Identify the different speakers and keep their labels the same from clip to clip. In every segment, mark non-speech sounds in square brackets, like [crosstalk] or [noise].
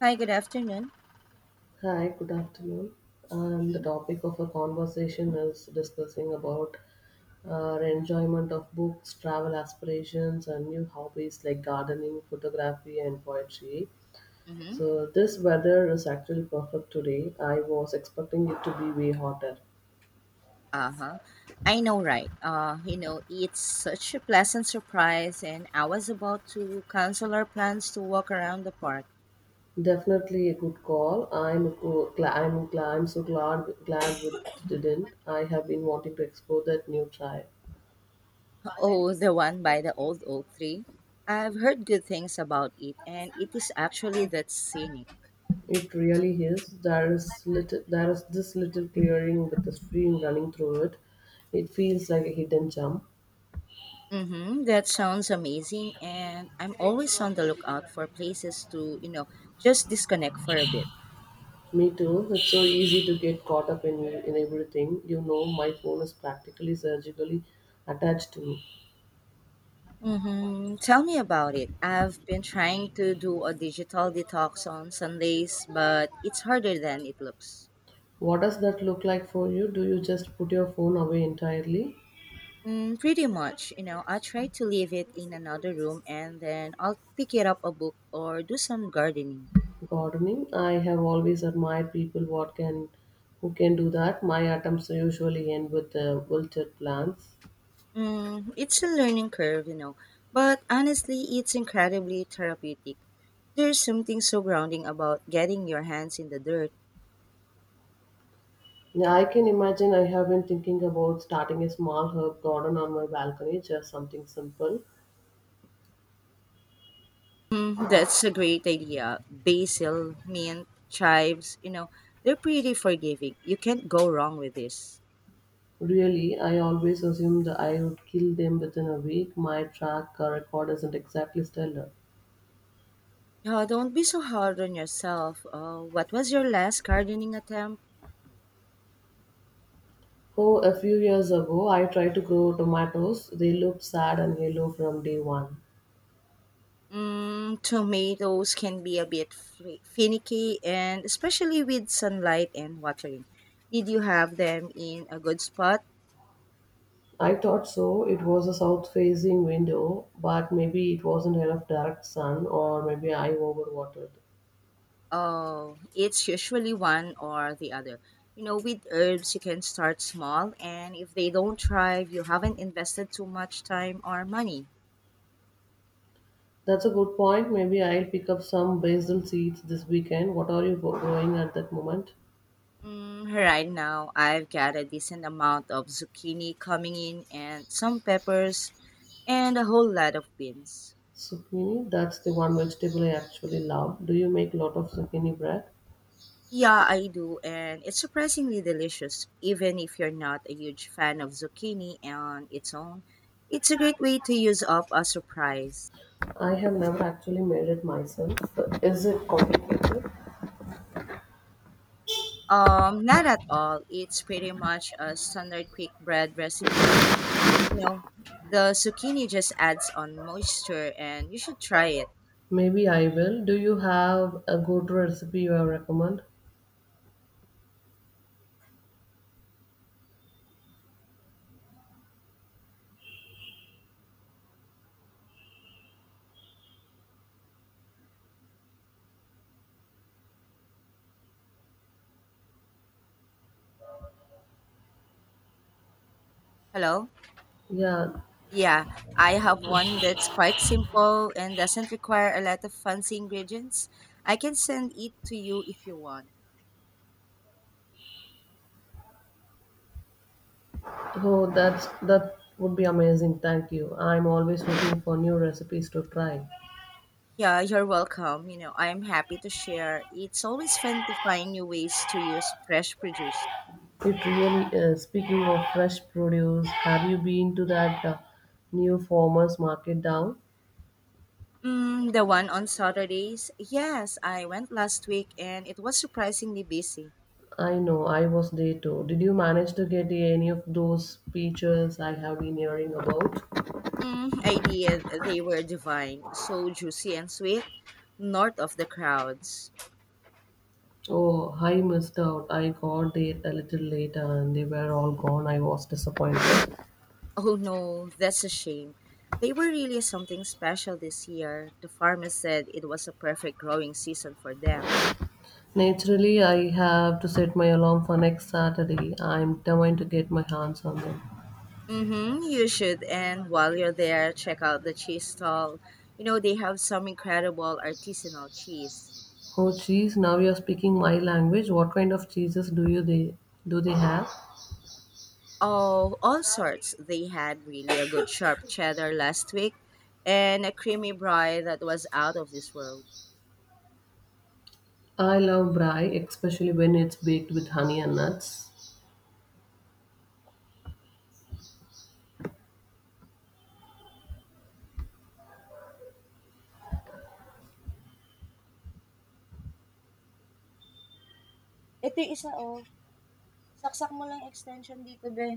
Speaker 1: Hi, good afternoon.
Speaker 2: Hi, good afternoon. The topic of our conversation is discussing about our enjoyment of books, travel aspirations, and new hobbies like gardening, photography, and poetry.
Speaker 1: Mm-hmm.
Speaker 2: So this weather is actually perfect today. I was expecting it to be way hotter.
Speaker 1: Uh-huh. I know, right? It's such a pleasant surprise, and I was about to cancel our plans to walk around the park.
Speaker 2: Definitely a good call. I'm so glad with it didn't. I have been wanting to explore that new tribe.
Speaker 1: Oh, the one by the old oak tree. I've heard good things about it, and it is actually that scenic.
Speaker 2: It really is. There is this little clearing with a stream running through it. It feels like a hidden gem.
Speaker 1: Mm-hmm. That sounds amazing, and I'm always on the lookout for places to just disconnect for a bit.
Speaker 2: Me too. It's so easy to get caught up in everything. You know, my phone is practically surgically attached to me.
Speaker 1: Mm-hmm. Tell me about it. I've been trying to do a digital detox on Sundays, but it's harder than it looks.
Speaker 2: What does that look like for you? Do you just put your phone away entirely?
Speaker 1: Pretty much, I try to leave it in another room and then I'll pick it up a book or do some gardening.
Speaker 2: Gardening. I have always admired people what can who can do that. My attempts usually end with wilted plants.
Speaker 1: It's a learning curve, but honestly, it's incredibly therapeutic. There's something so grounding about getting your hands in the dirt.
Speaker 2: Yeah, I can imagine. I have been thinking about starting a small herb garden on my balcony, just something simple.
Speaker 1: That's a great idea. Basil, mint, chives, they're pretty forgiving. You can't go wrong with this.
Speaker 2: Really, I always assumed I would kill them within a week. My track record isn't exactly stellar.
Speaker 1: Oh, don't be so hard on yourself. What was your last gardening attempt?
Speaker 2: Oh, a few years ago, I tried to grow tomatoes. They looked sad and yellow from day one.
Speaker 1: Tomatoes can be a bit finicky, and especially with sunlight and watering. Did you have them in a good spot?
Speaker 2: I thought so. It was a south facing window, but maybe it wasn't enough direct sun, or maybe I overwatered.
Speaker 1: Oh, it's usually one or the other. With herbs, you can start small, and if they don't thrive, you haven't invested too much time or money.
Speaker 2: That's a good point. Maybe I'll pick up some basil seeds this weekend. What are you growing at that moment?
Speaker 1: Right now, I've got a decent amount of zucchini coming in, and some peppers, and a whole lot of beans.
Speaker 2: Zucchini, that's the one vegetable I actually love. Do you make a lot of zucchini bread?
Speaker 1: Yeah, I do, and it's surprisingly delicious, even if you're not a huge fan of zucchini on its own. It's a great way to use up a surprise.
Speaker 2: I have never actually made it myself. So, is it complicated?
Speaker 1: Not at all. It's pretty much a standard quick bread recipe. You know, the zucchini just adds on moisture and you should try it.
Speaker 2: Maybe I will. Do you have a good recipe you recommend?
Speaker 1: Hello?
Speaker 2: Yeah.
Speaker 1: Yeah, I have one that's quite simple and doesn't require a lot of fancy ingredients. I can send it to you if you want.
Speaker 2: Oh, that would be amazing. Thank you. I'm always looking for new recipes to try.
Speaker 1: Yeah, you're welcome. I'm happy to share. It's always fun to find new ways to use fresh produce.
Speaker 2: It really is. Speaking of fresh produce, have you been to that new farmers market down?
Speaker 1: The one on Saturdays? Yes, I went last week and it was surprisingly busy.
Speaker 2: I know, I was there too. Did you manage to get any of those peaches I have been hearing about?
Speaker 1: I did. They were divine, so juicy and sweet, north of the crowds.
Speaker 2: Oh, I missed out. I got there a little later and they were all gone. I was disappointed.
Speaker 1: Oh no, that's a shame. They were really something special this year. The farmer said it was a perfect growing season for them.
Speaker 2: Naturally, I have to set my alarm for next Saturday. I'm determined to get my hands on them.
Speaker 1: Mm-hmm, you should. And while you're there, check out the cheese stall. They have some incredible artisanal cheese.
Speaker 2: Oh, cheese, now you're speaking my language. What kind of cheeses do they have?
Speaker 1: Oh, all sorts. They had really a good sharp cheddar last week and a creamy brie that was out of this world.
Speaker 2: I love brie, especially when it's baked with honey and nuts.
Speaker 1: Ito yung isa, oh. Saksak mo lang extension dito, be.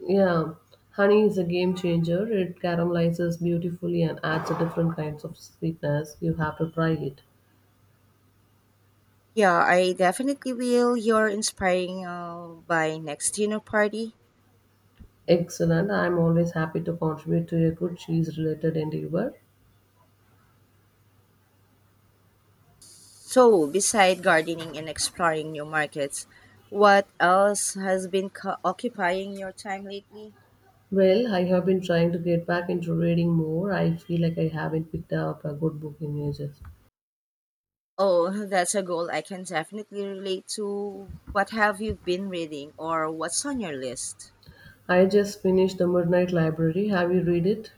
Speaker 2: Yeah, honey is a game changer. It caramelizes beautifully and adds a different kinds of sweetness. You have to try it.
Speaker 1: Yeah, I definitely will. You're inspiring by next dinner party.
Speaker 2: Excellent. I'm always happy to contribute to a good cheese related endeavor.
Speaker 1: So, beside gardening and exploring new markets, what else has been occupying your time lately?
Speaker 2: Well, I have been trying to get back into reading more. I feel like I haven't picked up a good book in ages.
Speaker 1: Oh, [laughs] that's a goal I can definitely relate to. What have you been reading or what's on your list?
Speaker 2: I just finished The Midnight Library. Have you read it?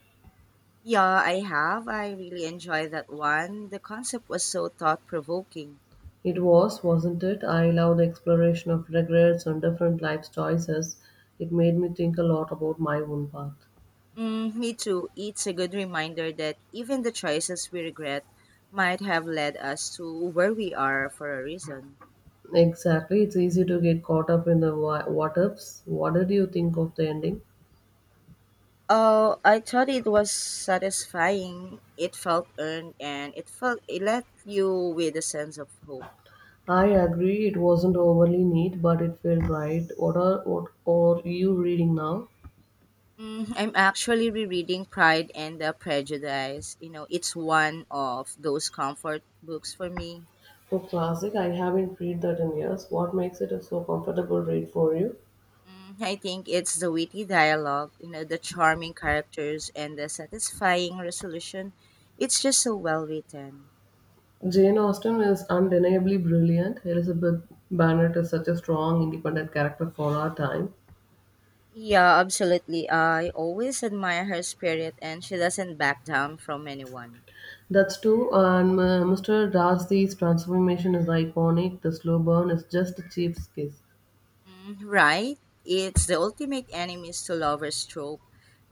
Speaker 1: Yeah, I have. I really enjoyed that one. The concept was so thought provoking.
Speaker 2: It was, wasn't it? I love the exploration of regrets and different life choices. It made me think a lot about my own path.
Speaker 1: Me too. It's a good reminder that even the choices we regret might have led us to where we are for a reason.
Speaker 2: Exactly. It's easy to get caught up in the what ifs. What did you think of the ending?
Speaker 1: Oh, I thought it was satisfying. It felt earned and it left you with a sense of hope.
Speaker 2: I agree. It wasn't overly neat, but it felt right. What are you reading now?
Speaker 1: I'm actually rereading Pride and the Prejudice. It's one of those comfort books for me.
Speaker 2: For classic, I haven't read that in years. What makes it a so comfortable read for you?
Speaker 1: I think it's the witty dialogue, the charming characters and the satisfying resolution. It's just so well written.
Speaker 2: Jane Austen is undeniably brilliant. Elizabeth Bennet is such a strong, independent character for our time.
Speaker 1: Yeah, absolutely. I always admire her spirit and she doesn't back down from anyone.
Speaker 2: That's true. And Mr. Darcy's transformation is iconic. The slow burn is just a cheap's kiss.
Speaker 1: Mm, right? It's the ultimate enemies to lovers trope.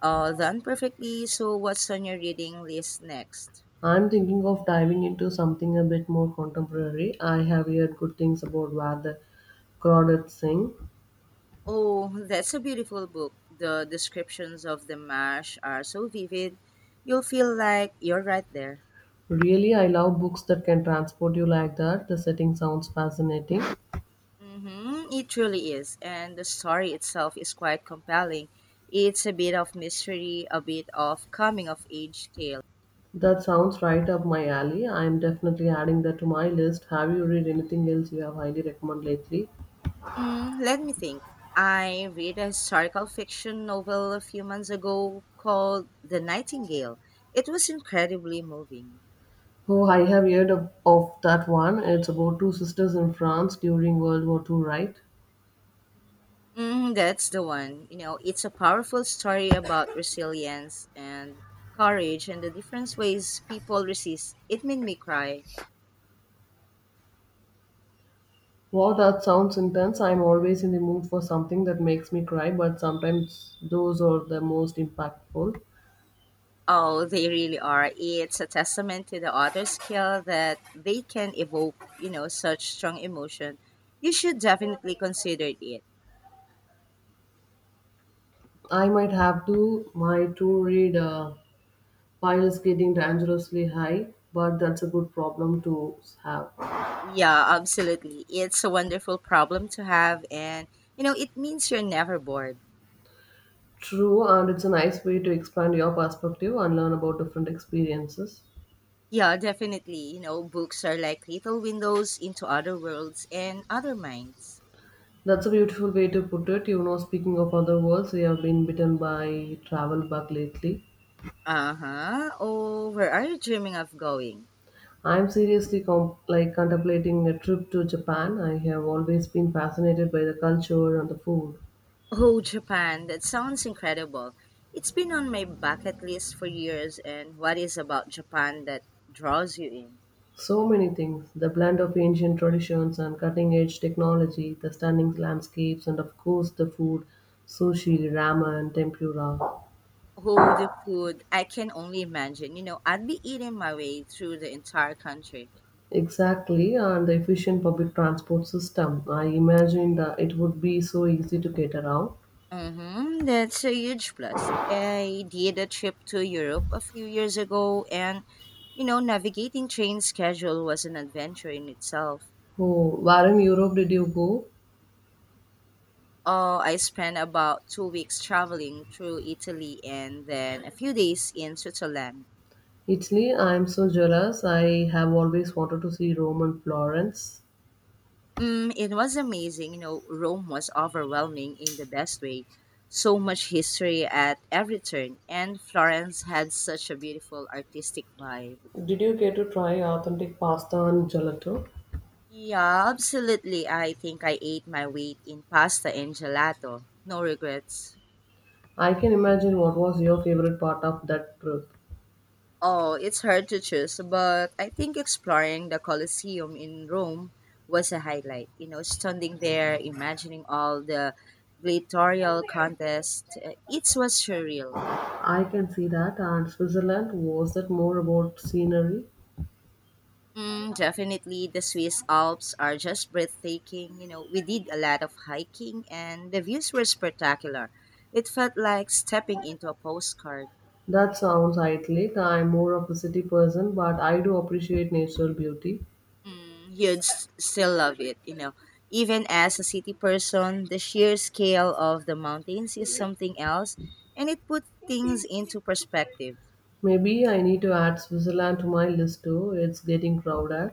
Speaker 1: Done perfectly. So, what's on your reading list next?
Speaker 2: I'm thinking of diving into something a bit more contemporary. I have heard good things about where the crowded sing.
Speaker 1: Oh, that's a beautiful book. The descriptions of the marsh are so vivid. You'll feel like you're right there.
Speaker 2: Really, I love books that can transport you like that. The setting sounds fascinating.
Speaker 1: Mm-hmm, it truly is, and the story itself is quite compelling. It's a bit of mystery, a bit of coming of age tale.
Speaker 2: That sounds right up my alley. I am definitely adding that to my list. Have you read anything else you have highly recommend lately?
Speaker 1: Mm, let me think. I read a historical fiction novel a few months ago called The Nightingale. It was incredibly moving.
Speaker 2: Oh, I have heard of that one. It's about two sisters in France during World War II, right?
Speaker 1: That's the one. It's a powerful story about resilience and courage and the different ways people resist. It made me cry.
Speaker 2: Wow, that sounds intense. I'm always in the mood for something that makes me cry, but sometimes those are the most impactful.
Speaker 1: Oh, they really are. It's a testament to the author's skill that they can evoke such strong emotion. You should definitely consider it.
Speaker 2: I might have to. My to read pile is getting dangerously high, but that's a good problem to have.
Speaker 1: Yeah, absolutely. It's a wonderful problem to have, and it means you're never bored.
Speaker 2: True, and it's a nice way to expand your perspective and learn about different experiences.
Speaker 1: Yeah, definitely. Books are like little windows into other worlds and other minds.
Speaker 2: That's a beautiful way to put it. You know, speaking of other worlds, we have been bitten by travel bug lately.
Speaker 1: Uh-huh. Oh, where are you dreaming of going?
Speaker 2: I'm seriously contemplating a trip to Japan. I have always been fascinated by the culture and the food.
Speaker 1: Oh, Japan, that sounds incredible. It's been on my bucket list for years, and what is about Japan that draws you in?
Speaker 2: So many things the blend of ancient traditions and cutting edge technology, the stunning landscapes, and of course the food sushi, ramen, tempura.
Speaker 1: Oh, the food. I can only imagine. I'd be eating my way through the entire country.
Speaker 2: Exactly, and the efficient public transport system. I imagine that it would be so easy to get around.
Speaker 1: Mm-hmm, that's a huge plus. I did a trip to Europe a few years ago, and navigating train schedule was an adventure in itself.
Speaker 2: Oh, where in Europe did you go?
Speaker 1: Oh, I spent about 2 weeks traveling through Italy and then a few days in Switzerland.
Speaker 2: Italy? I'm so jealous. I have always wanted to see Rome and Florence.
Speaker 1: It was amazing. Rome was overwhelming in the best way. So much history at every turn, and Florence had such a beautiful artistic vibe.
Speaker 2: Did you get to try authentic pasta and gelato?
Speaker 1: Yeah, absolutely. I think I ate my weight in pasta and gelato. No regrets.
Speaker 2: I can imagine what was your favorite part of that trip.
Speaker 1: Oh, it's hard to choose, but I think exploring the Colosseum in Rome was a highlight. Standing there, imagining all the gladiatorial contests, it was surreal.
Speaker 2: I can see that. And Switzerland, was that more about scenery?
Speaker 1: Definitely, the Swiss Alps are just breathtaking. We did a lot of hiking and the views were spectacular. It felt like stepping into a postcard.
Speaker 2: That sounds idyllic. I'm more of a city person, but I do appreciate natural beauty.
Speaker 1: You'd still love it. Even as a city person, the sheer scale of the mountains is something else and it put things into perspective.
Speaker 2: Maybe I need to add Switzerland to my list too. It's getting crowded.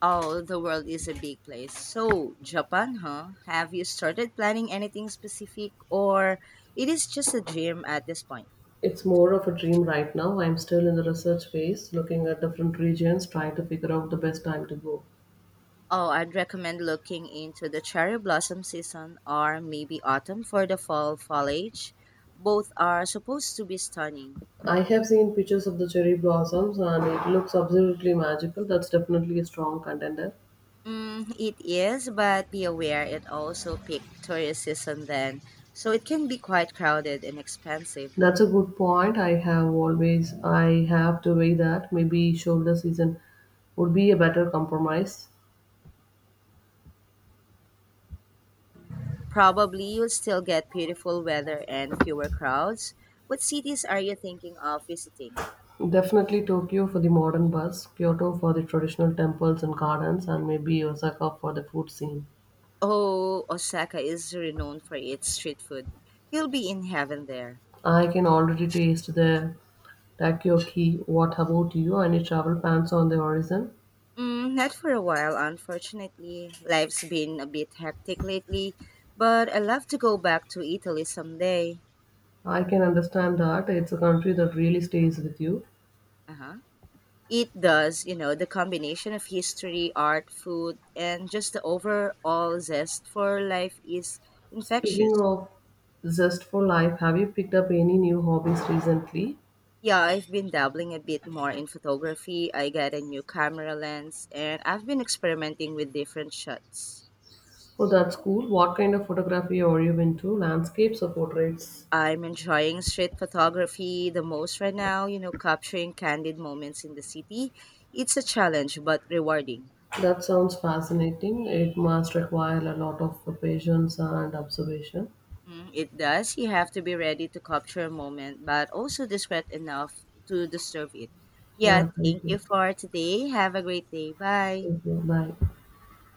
Speaker 1: Oh, the world is a big place. So, Japan, huh? Have you started planning anything specific or it is just a dream at this point?
Speaker 2: It's more of a dream right now. I'm still in the research phase, looking at different regions, trying to figure out the best time to go.
Speaker 1: Oh, I'd recommend looking into the cherry blossom season or maybe autumn for the fall foliage. Both are supposed to be stunning.
Speaker 2: I have seen pictures of the cherry blossoms and it looks absolutely magical. That's definitely a strong contender.
Speaker 1: It is, but be aware it also peaked tourist season then, so it can be quite crowded and expensive.
Speaker 2: That's a good point. I have to weigh that. Maybe shoulder season would be a better compromise.
Speaker 1: Probably you'll still get beautiful weather and fewer crowds. What cities are you thinking of visiting?
Speaker 2: Definitely Tokyo for the modern buzz, Kyoto for the traditional temples and gardens, and maybe Osaka for the food scene.
Speaker 1: Oh, Osaka is renowned for its street food. You'll be in heaven there.
Speaker 2: I can already taste the takoyaki. What about you? Any travel plans on the horizon?
Speaker 1: Not for a while, unfortunately. Life's been a bit hectic lately, but I love to go back to Italy someday.
Speaker 2: I can understand that it's a country that really stays with you.
Speaker 1: Uh-huh. It does, the combination of history, art, food, and just the overall zest for life is
Speaker 2: Speaking
Speaker 1: infectious.
Speaker 2: of zest for life, have you picked up any new hobbies recently?
Speaker 1: Yeah, I've been dabbling a bit more in photography. I got a new camera lens, and I've been experimenting with different shots.
Speaker 2: Oh, that's cool. What kind of photography are you into? Landscapes or portraits?
Speaker 1: I'm enjoying street photography the most right now, capturing candid moments in the city. It's a challenge, but rewarding.
Speaker 2: That sounds fascinating. It must require a lot of patience and observation.
Speaker 1: It does. You have to be ready to capture a moment, but also discreet enough to disturb it. Yeah,
Speaker 2: Yeah, thank
Speaker 1: thank you
Speaker 2: you.
Speaker 1: for today. Have a great day. Bye.
Speaker 2: Thank you. Bye.